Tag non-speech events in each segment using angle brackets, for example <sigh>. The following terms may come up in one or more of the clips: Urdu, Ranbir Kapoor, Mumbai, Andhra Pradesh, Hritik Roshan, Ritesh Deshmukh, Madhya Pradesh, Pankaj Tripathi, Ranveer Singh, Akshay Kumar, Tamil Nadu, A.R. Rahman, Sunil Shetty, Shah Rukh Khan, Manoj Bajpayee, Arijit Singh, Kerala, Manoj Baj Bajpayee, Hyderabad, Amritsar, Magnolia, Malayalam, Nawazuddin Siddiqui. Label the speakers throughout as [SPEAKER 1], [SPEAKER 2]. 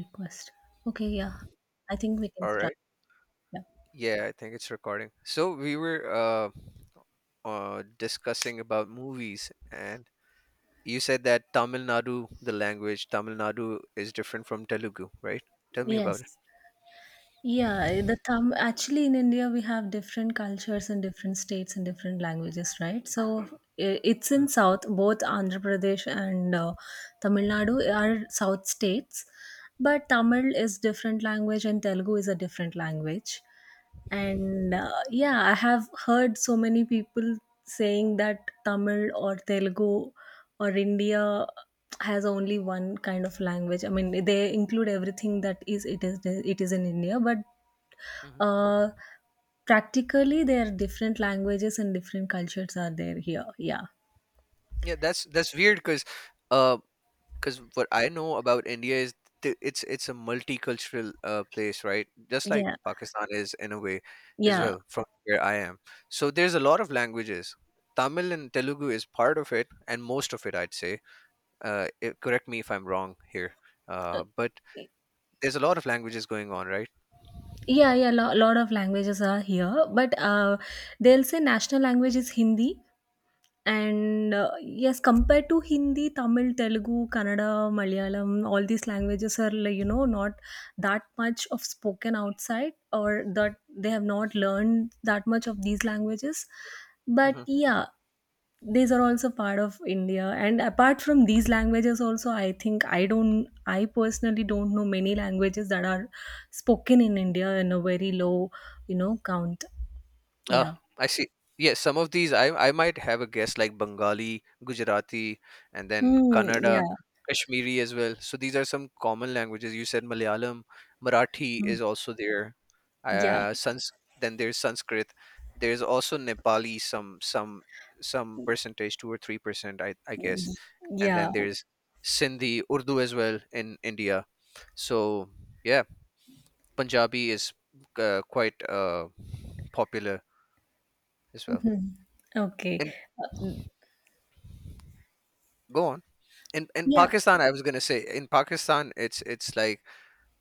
[SPEAKER 1] Request. Okay, yeah. I think we can
[SPEAKER 2] All
[SPEAKER 1] start.
[SPEAKER 2] right.
[SPEAKER 1] Yeah.
[SPEAKER 2] Yeah, I think it's recording. So we were discussing about movies, and you said that Tamil Nadu, the language Tamil Nadu, is different from Telugu, right? Tell me about it.
[SPEAKER 1] Yes. Yeah, the thumb actually in India we have different cultures and different states and different languages, right? So it's in South, both Andhra Pradesh and Tamil Nadu are South states, but Tamil is different language and Telugu is a different language. And yeah, I have heard so many people saying that Tamil or Telugu or India has only one kind of language. I mean, they include everything that is, it is in India. But
[SPEAKER 2] Mm-hmm.
[SPEAKER 1] uh practically there are different languages and different cultures are there here. Yeah,
[SPEAKER 2] Yeah, that's weird because uh, 'cause what I know about India is it's a multicultural place, right? Just like
[SPEAKER 1] yeah,
[SPEAKER 2] Pakistan is in a way as
[SPEAKER 1] yeah,
[SPEAKER 2] well from where I am. So there's a lot of languages. Tamil and Telugu is part of it, and most of it, I'd say, correct me if I'm wrong here, but there's a lot of languages going on, right?
[SPEAKER 1] yeah, yeah, a lot of languages are here, but they'll say national language is Hindi. And, yes, compared to Hindi, Tamil, Telugu, Kannada, Malayalam, all these languages are, like, you know, not that much of spoken outside, or that they have not learned that much of these languages.
[SPEAKER 2] Hmm.
[SPEAKER 1] But yeah, these are also part of India. And apart from these languages also, I think, I personally don't know many languages that are spoken in India in a very low, you know, count.
[SPEAKER 2] Ah,
[SPEAKER 1] Yeah.
[SPEAKER 2] I see. Yes, some of these I might have a guess like Bengali, Gujarati, and then
[SPEAKER 1] Hmm,
[SPEAKER 2] Kannada. Mm.
[SPEAKER 1] yeah.
[SPEAKER 2] Kashmiri as well. So these are some common languages. You said Malayalam, Marathi
[SPEAKER 1] Hmm.
[SPEAKER 2] is also there.
[SPEAKER 1] Yeah.
[SPEAKER 2] Sans then there's Sanskrit. There's also Nepali, some percentage, 2 or 3%, I guess. And
[SPEAKER 1] Yeah.
[SPEAKER 2] then there's Sindhi, Urdu as well in India. So yeah, Punjabi is quite popular as well.
[SPEAKER 1] Okay.
[SPEAKER 2] And
[SPEAKER 1] Uh,
[SPEAKER 2] go on. In
[SPEAKER 1] Yeah.
[SPEAKER 2] Pakistan, I was gonna say, in Pakistan, it's like,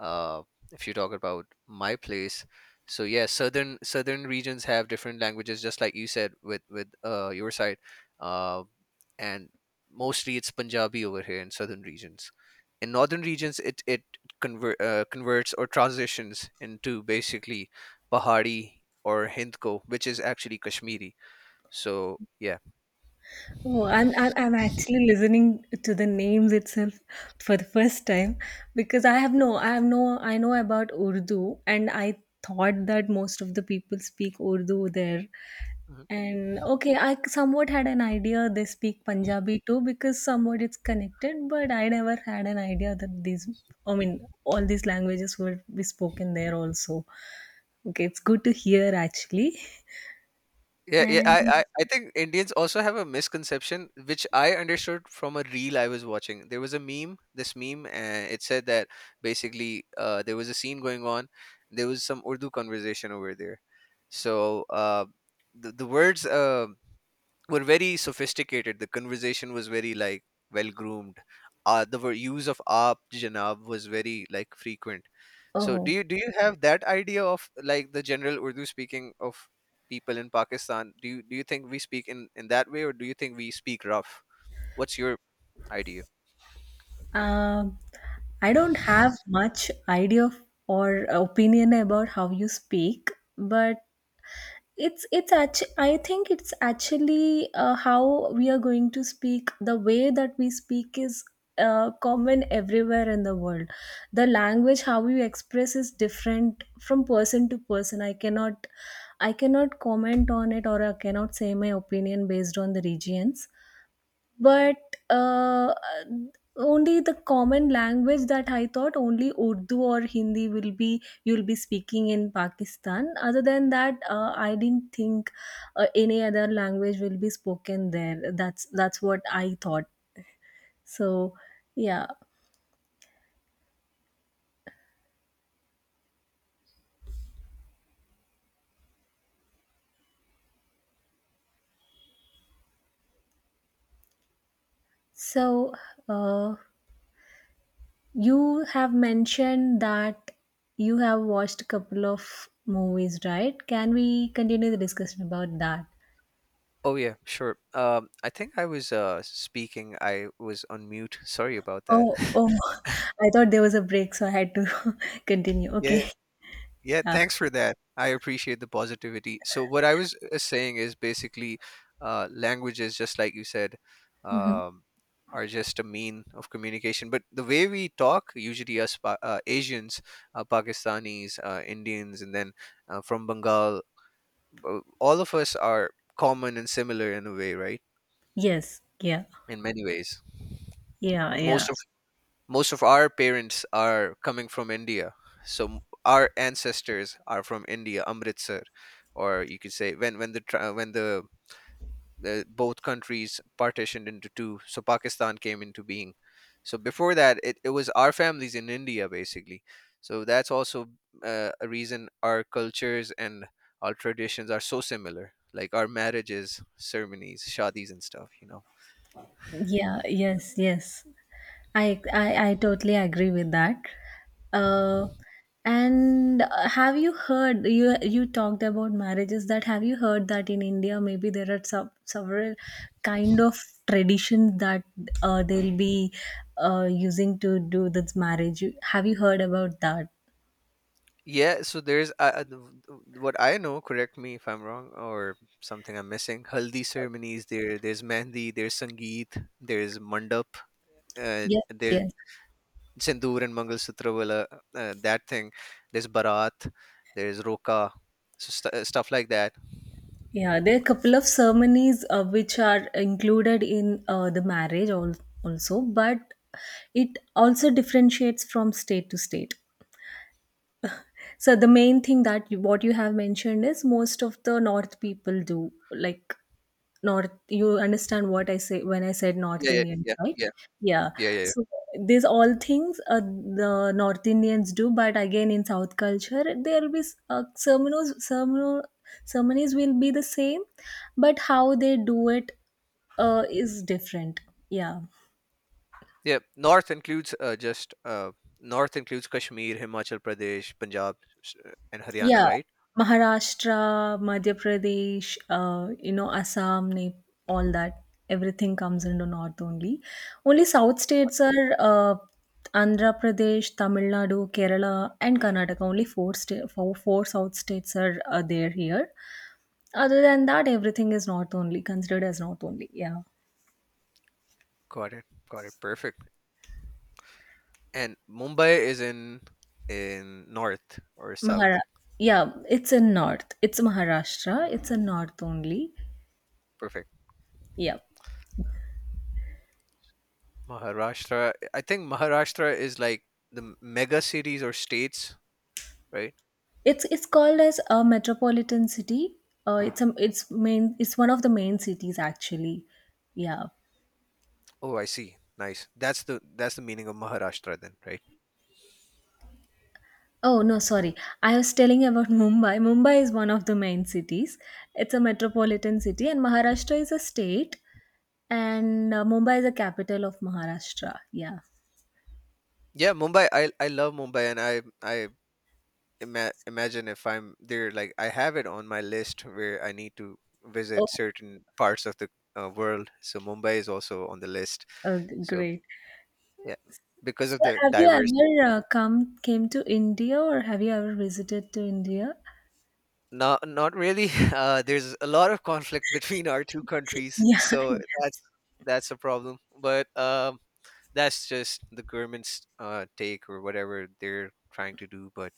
[SPEAKER 2] uh, if you talk about my place, so yeah, southern regions have different languages, just like you said with your side. uh, and mostly it's punjabi over here in southern regions. In northern regions, it converts or transitions into basically pahari or hindko, which is actually kashmiri. So yeah.
[SPEAKER 1] Oh, I'm actually listening to the names itself for the first time because I have no I have no I know about Urdu, and I thought that most of the people speak Urdu there. And okay, I somewhat had an idea they speak Punjabi too because somewhat it's connected, but I never had an idea that these I mean all these languages would be spoken there also. Okay, it's good to hear actually.
[SPEAKER 2] Yeah, yeah. I,
[SPEAKER 1] And
[SPEAKER 2] I, I think Indians also have a misconception, which I understood from a reel I was watching. There was a meme, this meme, and it said that, basically, there was a scene going on. There was some Urdu conversation over there. So the words were very sophisticated. The conversation was very, like, well groomed. The use of aap janab was very, like, frequent. So do
[SPEAKER 1] oh
[SPEAKER 2] you do you have that idea of, like, the general Urdu speaking of people in Pakistan? Do you think we speak in that way, or do you think we speak rough? What's your idea?
[SPEAKER 1] Um, I don't have much idea or opinion about how you speak, but it's actually, I think it's actually, how we are going to speak. The way that we speak is common everywhere in the world. The language how you express is different from person to person. I cannot, I cannot comment on it, or I cannot say my opinion based on the regions, but uh, only the common language that I thought, only Urdu or Hindi will be, you'll be speaking in Pakistan. Other than that, I didn't think any other language will be spoken there. That's what I thought. So yeah. So uh, you have mentioned that you have watched a couple of movies, right? Can we continue the discussion about that?
[SPEAKER 2] Oh yeah, sure. I think I was speaking. I was on mute. Sorry about that.
[SPEAKER 1] Oh,
[SPEAKER 2] <laughs>
[SPEAKER 1] oh, <laughs> I thought there was a break, so I had to <laughs> continue.
[SPEAKER 2] Yeah,
[SPEAKER 1] Okay.
[SPEAKER 2] yeah,
[SPEAKER 1] Yeah.
[SPEAKER 2] thanks for that. I appreciate the positivity. So what I was saying is, basically, languages, just like you said,
[SPEAKER 1] Hmm.
[SPEAKER 2] um, are just a mean of communication. But the way we talk, usually us Asians, Pakistanis, Indians, and then from Bengal, all of us are common and similar in a way, right?
[SPEAKER 1] Yes. Yeah.
[SPEAKER 2] In many ways,
[SPEAKER 1] Yeah. Yeah.
[SPEAKER 2] most most of our parents are coming from India. So our ancestors are from India, Amritsar, or you could say when the tra- when the both countries partitioned into two, so Pakistan came into being. So before that, it was our families in India basically. So that's also a reason our cultures and our traditions are so similar, like our marriages, ceremonies, shadis, and stuff. You know.
[SPEAKER 1] Yeah. Yes. Yes. I totally agree with that. Uh, and have you heard, you talked about marriages, that have you heard that in India maybe there are several kind of traditions that they'll be using to do this marriage? Have you heard about that?
[SPEAKER 2] Yeah, so there's what I know. Correct me if I'm wrong or something I'm missing. Haldi ceremonies. There's mehndi. There's sangeet. There's mandap.
[SPEAKER 1] Yes.
[SPEAKER 2] There's
[SPEAKER 1] Yes.
[SPEAKER 2] sindoor and mangal sutra wala, that thing. There's barat. There's roka. So stuff like that.
[SPEAKER 1] Yeah, there are a couple of ceremonies which are included in the marriage also, but it also differentiates from state to state. So the main thing that you, what you have mentioned is most of the north people do, like, north. You understand what I say when I said North
[SPEAKER 2] Yeah, yeah,
[SPEAKER 1] Indian,
[SPEAKER 2] yeah,
[SPEAKER 1] right?
[SPEAKER 2] yeah,
[SPEAKER 1] Yeah,
[SPEAKER 2] yeah, yeah, yeah.
[SPEAKER 1] so these all things, the North Indians do, but again in South culture there will be ceremonies ceremonies ceremonies will be the same, but how they do it, is different. Yeah.
[SPEAKER 2] Yeah, North includes Kashmir, Himachal Pradesh, Punjab, and Haryana.
[SPEAKER 1] Yeah,
[SPEAKER 2] Right?
[SPEAKER 1] Maharashtra, Madhya Pradesh, Assam, all that, everything comes into North only. Only South states are Andhra Pradesh, Tamil Nadu, Kerala, and Karnataka. Only four South states are there here. Other than that, everything is North only, considered as North only. Yeah.
[SPEAKER 2] Got it. Got it. Perfect. And Mumbai is in north or south?
[SPEAKER 1] Mahara. Yeah, it's in North. It's Maharashtra. It's in North only.
[SPEAKER 2] Perfect.
[SPEAKER 1] Yeah.
[SPEAKER 2] Maharashtra. I think Maharashtra is like the mega cities or states, right?
[SPEAKER 1] It's called as a metropolitan city. It's one of the main cities actually. Yeah.
[SPEAKER 2] Oh, I see. Nice. That's the meaning of Maharashtra then, right?
[SPEAKER 1] Oh no, sorry. I was telling about <laughs> Mumbai. Mumbai is one of the main cities. It's a metropolitan city, and Maharashtra is a state, and Mumbai is the capital of Maharashtra. Yeah.
[SPEAKER 2] Yeah, Mumbai. I love Mumbai, and I imagine if I'm there, like I have it on my list where I need to
[SPEAKER 1] Oh,
[SPEAKER 2] visit certain parts of the world. So Mumbai is also on the list.
[SPEAKER 1] oh,
[SPEAKER 2] So
[SPEAKER 1] great.
[SPEAKER 2] yeah, because
[SPEAKER 1] So,
[SPEAKER 2] of the
[SPEAKER 1] have you
[SPEAKER 2] diversity.
[SPEAKER 1] ever come came to India, or have you ever visited to India? <laughs>
[SPEAKER 2] Not really. <laughs> There's a lot of conflict <laughs> between our two countries,
[SPEAKER 1] Yeah.
[SPEAKER 2] so that's a problem. But that's just the government's take or whatever they're trying to do. But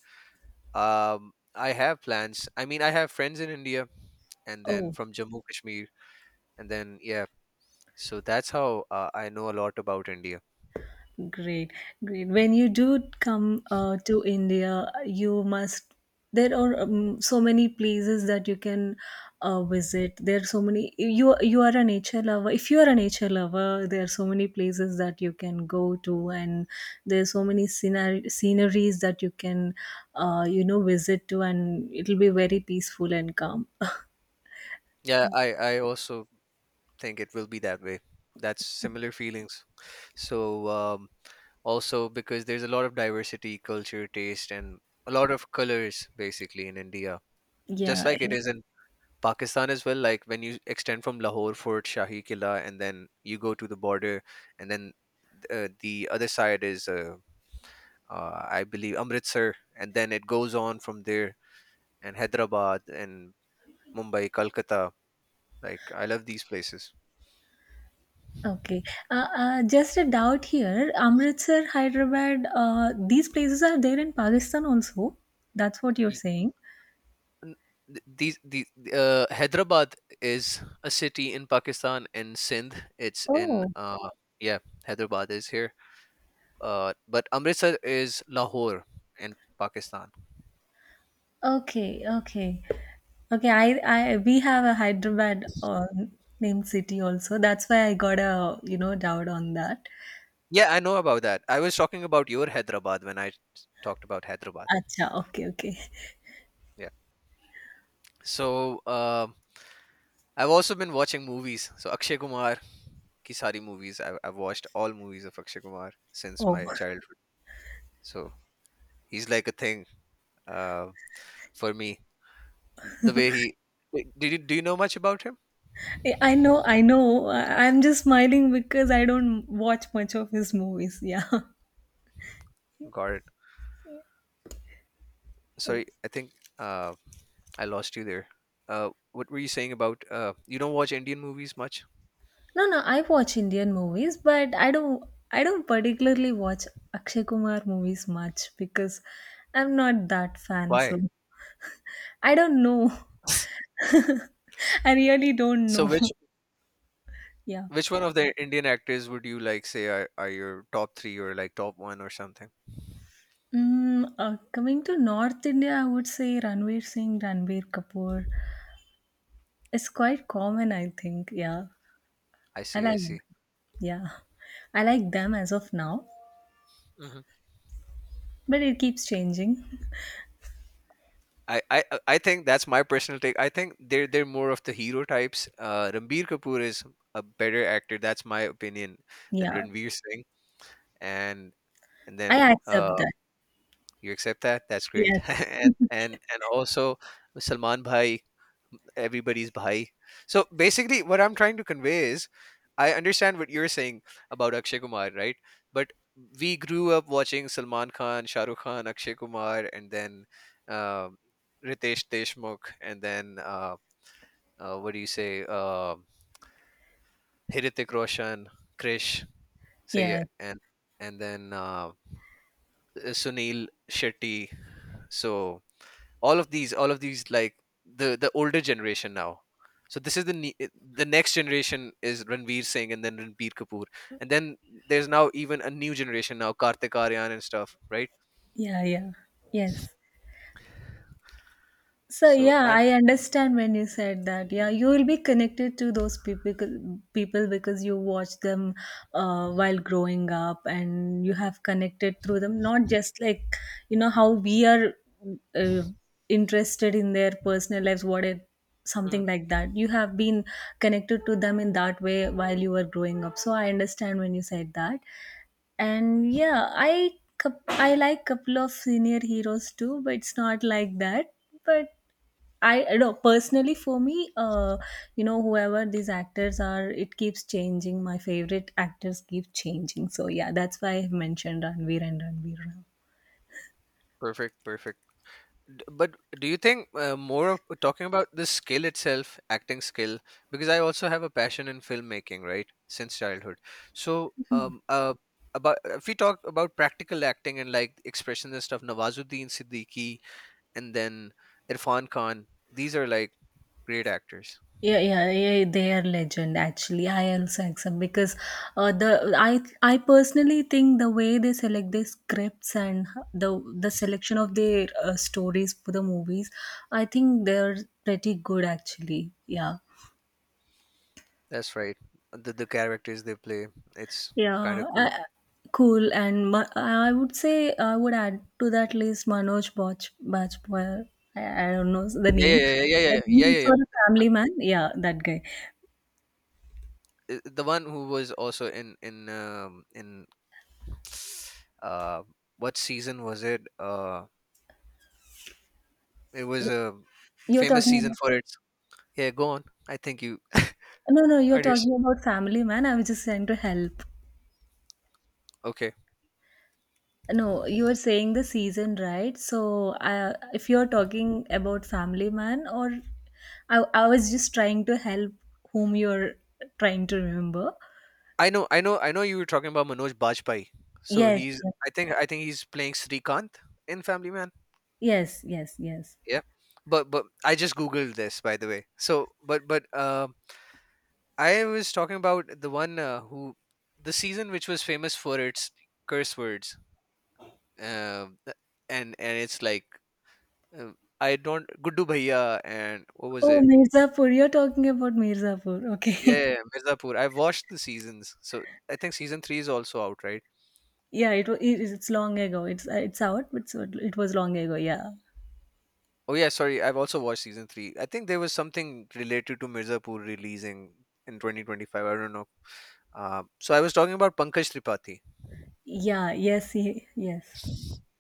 [SPEAKER 2] um, I have plans. I mean, I have friends in India, and then
[SPEAKER 1] Oh.
[SPEAKER 2] from Jammu Kashmir, and then yeah. So that's how I know a lot about India.
[SPEAKER 1] Great, great. When you do come to India, you must. There are so many places that you can visit. There are so many. You are a nature lover. If you are a nature lover, there are so many places that you can go to, and there are so many sceneries that you can, visit to, and it'll be very peaceful and calm. <laughs>
[SPEAKER 2] Yeah, I also think it will be that way. That's similar feelings. So. Also, because there's a lot of diversity, culture, taste, and a lot of colors basically in India, just
[SPEAKER 1] Yeah,
[SPEAKER 2] like it
[SPEAKER 1] yeah.
[SPEAKER 2] is in Pakistan as well. Like when you extend from Lahore Fort, Shahi Killa, and then you go to the border, and then the other side is, I believe, Amritsar, and then it goes on from there, and Hyderabad and Mumbai, Kolkata, like I love these places.
[SPEAKER 1] Okay. Just a doubt here. Amritsar, Hyderabad, these places are there in Pakistan also. That's what you're saying.
[SPEAKER 2] N- th- these the Hyderabad is a city in Pakistan in Sindh. It's in
[SPEAKER 1] Oh,
[SPEAKER 2] yeah, Hyderabad is here. But Amritsar is Lahore in Pakistan.
[SPEAKER 1] okay, okay, okay. We have a Hyderabad, named city also. That's why I got a, you know, doubt on that.
[SPEAKER 2] Yeah, I know about that. I was talking about your Hyderabad when I talked about Hyderabad.
[SPEAKER 1] Acha, okay, okay.
[SPEAKER 2] Yeah. So um I've also been watching movies. So Akshay Kumar ki sari movies. I've watched all movies of Akshay Kumar since
[SPEAKER 1] Oh,
[SPEAKER 2] my childhood. So he's like a thing uh, for me, the way he. Did you do you know much about him?
[SPEAKER 1] I know, I know. I'm just smiling because I don't watch much of his movies. <laughs> Yeah.
[SPEAKER 2] Got it, sorry. I think uh I lost you there. What were you saying about, you don't watch Indian movies much?
[SPEAKER 1] No, no, I watch Indian movies, but I don't, I don't particularly watch Akshay Kumar movies much because I'm not that fan,
[SPEAKER 2] Why?
[SPEAKER 1] so I don't know.
[SPEAKER 2] <laughs>
[SPEAKER 1] <laughs> I really don't
[SPEAKER 2] So,
[SPEAKER 1] know.
[SPEAKER 2] which
[SPEAKER 1] <laughs> Yeah.
[SPEAKER 2] which one of the Indian actors would you, like, say are your top three or like top one or something?
[SPEAKER 1] Coming to North India, I would say Ranveer Singh, Ranbir Kapoor. It's quite common, I think. Yeah.
[SPEAKER 2] I
[SPEAKER 1] I
[SPEAKER 2] see, I
[SPEAKER 1] like
[SPEAKER 2] see.
[SPEAKER 1] yeah. I like them as of now,
[SPEAKER 2] Hmm.
[SPEAKER 1] but it keeps changing.
[SPEAKER 2] I think that's my personal take. I think they're more of the hero types. Ranbir Kapoor is a better actor. That's my opinion than
[SPEAKER 1] Yeah.
[SPEAKER 2] Ranveer Singh, and and
[SPEAKER 1] I
[SPEAKER 2] then
[SPEAKER 1] accept that.
[SPEAKER 2] You accept that? That's great.
[SPEAKER 1] Yes.
[SPEAKER 2] <laughs> And also Salman Bhai, everybody's Bhai. So basically, what I'm trying to convey is, I understand what you're saying about Akshay Kumar, right? But we grew up watching Salman Khan, Shah Rukh Khan, Akshay Kumar, and then um Ritesh Deshmukh, and then what do you say, Hritik Roshan, Krish, say,
[SPEAKER 1] Yes.
[SPEAKER 2] and then Sunil Shetty. So, all of these, like, the older generation now. So this is the next generation is Ranveer Singh and then Ranbir Kapoor. And then there's now even a new generation now, Kartik Aaryan and stuff, right?
[SPEAKER 1] Yeah, yeah. Yes. So
[SPEAKER 2] So
[SPEAKER 1] yeah,
[SPEAKER 2] I'm.
[SPEAKER 1] I understand when you said that. Yeah, you will be connected to those people because you watch them while growing up, and you have connected through them. Not just like, you know how we are uh, interested in their personal lives, what it,
[SPEAKER 2] Mhm.
[SPEAKER 1] something like that. You have been connected to them in that way while you were growing up. So I understand when you said that. And yeah, I I like couple of senior heroes too, but it's not like that. But I know, personally for me, whoever these actors are, it keeps changing. My favorite actors keep changing. So yeah, that's why I have mentioned Ranveer and Ranveer Rao.
[SPEAKER 2] Perfect, perfect. But do you think, more of talking about the skill itself, acting skill, because I also have a passion in filmmaking, right, since childhood? So about, if we talk about practical acting and, like, expressions and stuff, Nawazuddin Siddiqui and then Irfan Khan. These are like great actors.
[SPEAKER 1] Yeah, yeah, yeah, they are legend actually. I also accept because, the I personally think the way they select their scripts and the the selection of their, stories for the movies, I think they're pretty good actually. Yeah,
[SPEAKER 2] That's right. The characters they play, it's kind
[SPEAKER 1] yeah,
[SPEAKER 2] of cool.
[SPEAKER 1] cool. And I would say I would add to that list Manoj Bajpayee. I don't know the
[SPEAKER 2] Yeah,
[SPEAKER 1] name.
[SPEAKER 2] yeah, yeah, yeah, yeah, yeah,
[SPEAKER 1] He's
[SPEAKER 2] yeah,
[SPEAKER 1] sort of
[SPEAKER 2] yeah.
[SPEAKER 1] Family Man. Yeah, that guy.
[SPEAKER 2] The one who was also in in <sniffs> uh what season was it? It was
[SPEAKER 1] Y-
[SPEAKER 2] a
[SPEAKER 1] You're
[SPEAKER 2] famous
[SPEAKER 1] talking
[SPEAKER 2] season
[SPEAKER 1] about.
[SPEAKER 2] for its. Yeah, go on. I think you
[SPEAKER 1] No, no, you're
[SPEAKER 2] understand.
[SPEAKER 1] talking about Family Man. I was just trying to help.
[SPEAKER 2] Okay,
[SPEAKER 1] No, you were saying the season, right? So, if you're talking about Family Man, or I was just trying to help whom you're trying to remember.
[SPEAKER 2] I know, I know, I know. You were talking about Manoj Bajpayee. So
[SPEAKER 1] Yes,
[SPEAKER 2] he's,
[SPEAKER 1] yes,
[SPEAKER 2] I think, he's playing Srikanth in Family Man.
[SPEAKER 1] yes, yes, yes.
[SPEAKER 2] Yeah. But I just googled this, by the way. So but I was talking about the one, who, the season which was famous for its curse words. Um th- and it's like, I don't. Guddu Bhaiya and what was
[SPEAKER 1] Oh,
[SPEAKER 2] it?
[SPEAKER 1] Mirzapur. You're talking about Mirzapur.
[SPEAKER 2] Yeah,
[SPEAKER 1] Okay.
[SPEAKER 2] yeah, yeah,
[SPEAKER 1] <laughs>
[SPEAKER 2] Mirzapur. I've watched the seasons. So I think season 3 is also out, right?
[SPEAKER 1] Yeah, it, was. It is- long ago. It's out, but so it was long ago. Yeah.
[SPEAKER 2] Oh yeah, sorry. I've also watched season 3. I think there was something related to Mirzapur releasing in 2025. I don't know. So I was talking about Pankaj Tripathi.
[SPEAKER 1] Yeah. Yes. Yes.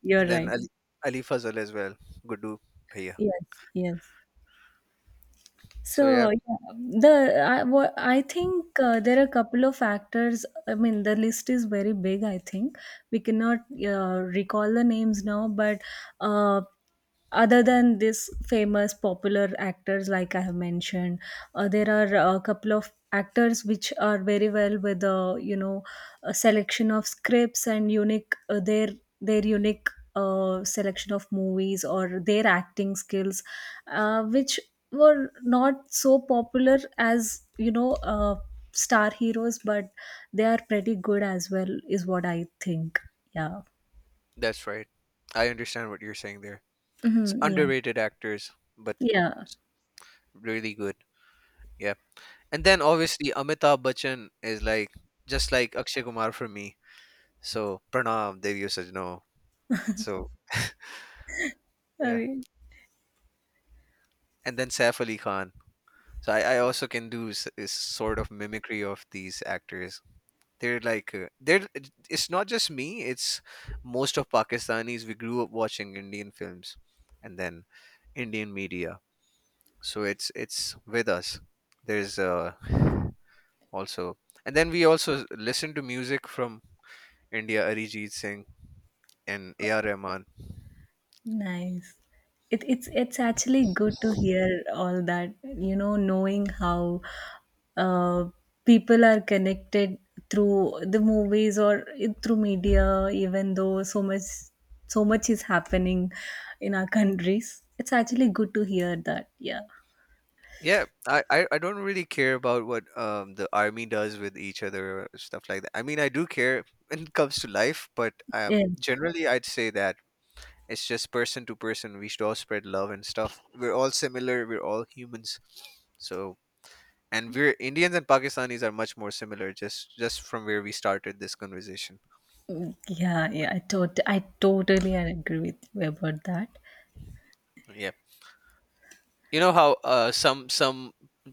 [SPEAKER 1] You're
[SPEAKER 2] And then
[SPEAKER 1] right.
[SPEAKER 2] Ali Fazal as well, Gudu Bhaiya.
[SPEAKER 1] Yes. Yes.
[SPEAKER 2] So yeah,
[SPEAKER 1] So yeah, I think there are a couple of factors. I mean, the list is very big. I think we cannot recall the names now, but uh, other than this famous popular actors like I have mentioned, there are a couple of actors which are very well with the a selection of scripts and unique, their unique selection of movies or their acting skills, which were not so popular as, you know, star heroes, but they are pretty good as well is what I think. Yeah.
[SPEAKER 2] that's right. I understand what you're saying there. It's
[SPEAKER 1] Hmm, yeah.
[SPEAKER 2] underrated actors, but
[SPEAKER 1] Yeah.
[SPEAKER 2] really good. Yeah, and then obviously Amitabh Bachchan is like, just like Akshay Kumar for me. So Pranam Deviyo Sajno. So yeah,
[SPEAKER 1] Okay.
[SPEAKER 2] and then Saif Ali Khan. So I also can do s- is sort of mimicry of these actors. They're like they're It's not just me, it's most of Pakistanis. We grew up watching Indian films and then Indian media, so it's with us. There's Also, and then we also listen to music from India, Arijit Singh and ar rahman.
[SPEAKER 1] Nice. It, it's actually good to hear all that. You know, knowing how uh, people are connected through the movies or through media, even though so much, so much is happening in our countries. It's actually good to hear that. Yeah.
[SPEAKER 2] Yeah, I don't really care about what the army does with each other or stuff like that. I mean, I do care when it comes to life, but
[SPEAKER 1] Yeah.
[SPEAKER 2] generally I'd say that it's just person to person. We should all spread love and stuff. We're all similar. We're all humans. So, and we're Indians and Pakistanis are much more similar. Just from where we started this conversation.
[SPEAKER 1] Mm, yeah, yeah, I totally agree with you about that.
[SPEAKER 2] Yeah. You know how, some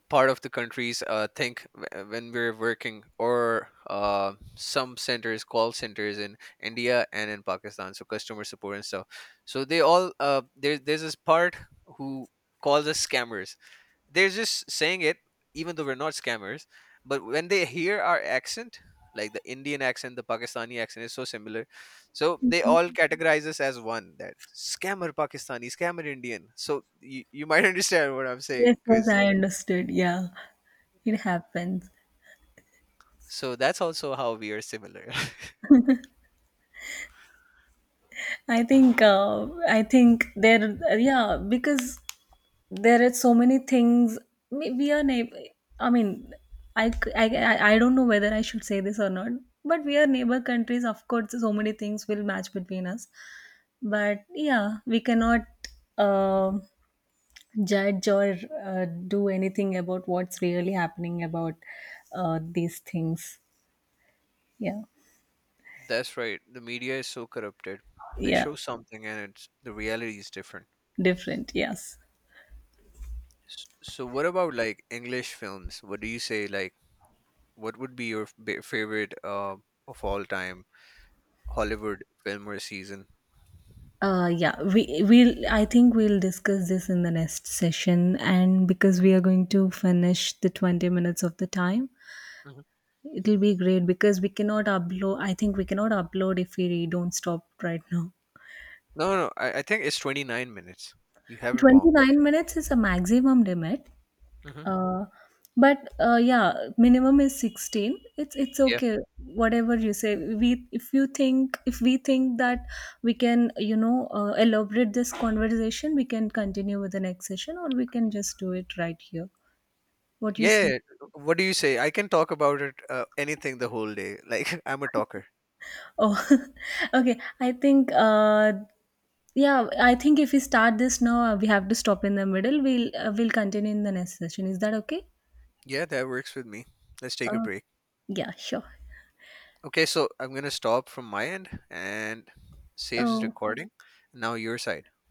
[SPEAKER 2] part of the countries, think, when we're working, or some centers, call centers in India and in Pakistan, so customer support and stuff, so they all, there's this part who calls us scammers. They're just saying it, even though we're not scammers. But when they hear our accent, like the Indian accent, the Pakistani accent is so similar, so they all categorize us as one, that scammer Pakistani, scammer Indian. So you might <laughs> understand what I'm saying,
[SPEAKER 1] Yes, yes,
[SPEAKER 2] because
[SPEAKER 1] I understood. Yeah, it happens.
[SPEAKER 2] so that's also how we are similar.
[SPEAKER 1] I think there, yeah, because there are so many things. We are neighbor. I mean, I don't know whether I should say this or not, but we are neighbor countries, of course. So many things will match between us, but yeah, we cannot uh, judge or do anything about what's really happening about these things. Yeah.
[SPEAKER 2] <laughs> That's right, the media is so corrupted. They
[SPEAKER 1] Yeah,
[SPEAKER 2] show something and it's, the reality is different.
[SPEAKER 1] different, yes.
[SPEAKER 2] So what about, like, English films? What do you say, like, what would be your favorite of all time Hollywood film or season?
[SPEAKER 1] Yeah, we'll. I think we'll discuss this in the next session, and because we are going to finish the 20 minutes of the time,
[SPEAKER 2] Hmm.
[SPEAKER 1] it'll be great because we cannot upload. I think we cannot upload if we don't stop right now.
[SPEAKER 2] No, no, I think it's 29 minutes. You have it
[SPEAKER 1] Twenty
[SPEAKER 2] wrong.
[SPEAKER 1] nine minutes is a maximum limit.
[SPEAKER 2] Hmm.
[SPEAKER 1] Uh, but yeah, minimum is 16. It's
[SPEAKER 2] Yeah.
[SPEAKER 1] okay. Whatever you say, we, if you think, if we think that we can, you know, elaborate this conversation, we can continue with the next session, or we can just do it right here. What do you
[SPEAKER 2] Yeah.
[SPEAKER 1] say?
[SPEAKER 2] Yeah. What do you say? I can talk about it, anything the whole day. Like <laughs> I'm a talker.
[SPEAKER 1] Oh, <laughs> okay. I think, yeah, I think if we start this now, we have to stop in the middle. We'll continue in the next session. Is that okay?
[SPEAKER 2] Yeah, that works with me. Let's take a
[SPEAKER 1] Uh,
[SPEAKER 2] break.
[SPEAKER 1] yeah, sure.
[SPEAKER 2] Okay, so I'm going to stop from my end and saves
[SPEAKER 1] Oh.
[SPEAKER 2] recording. Now your side.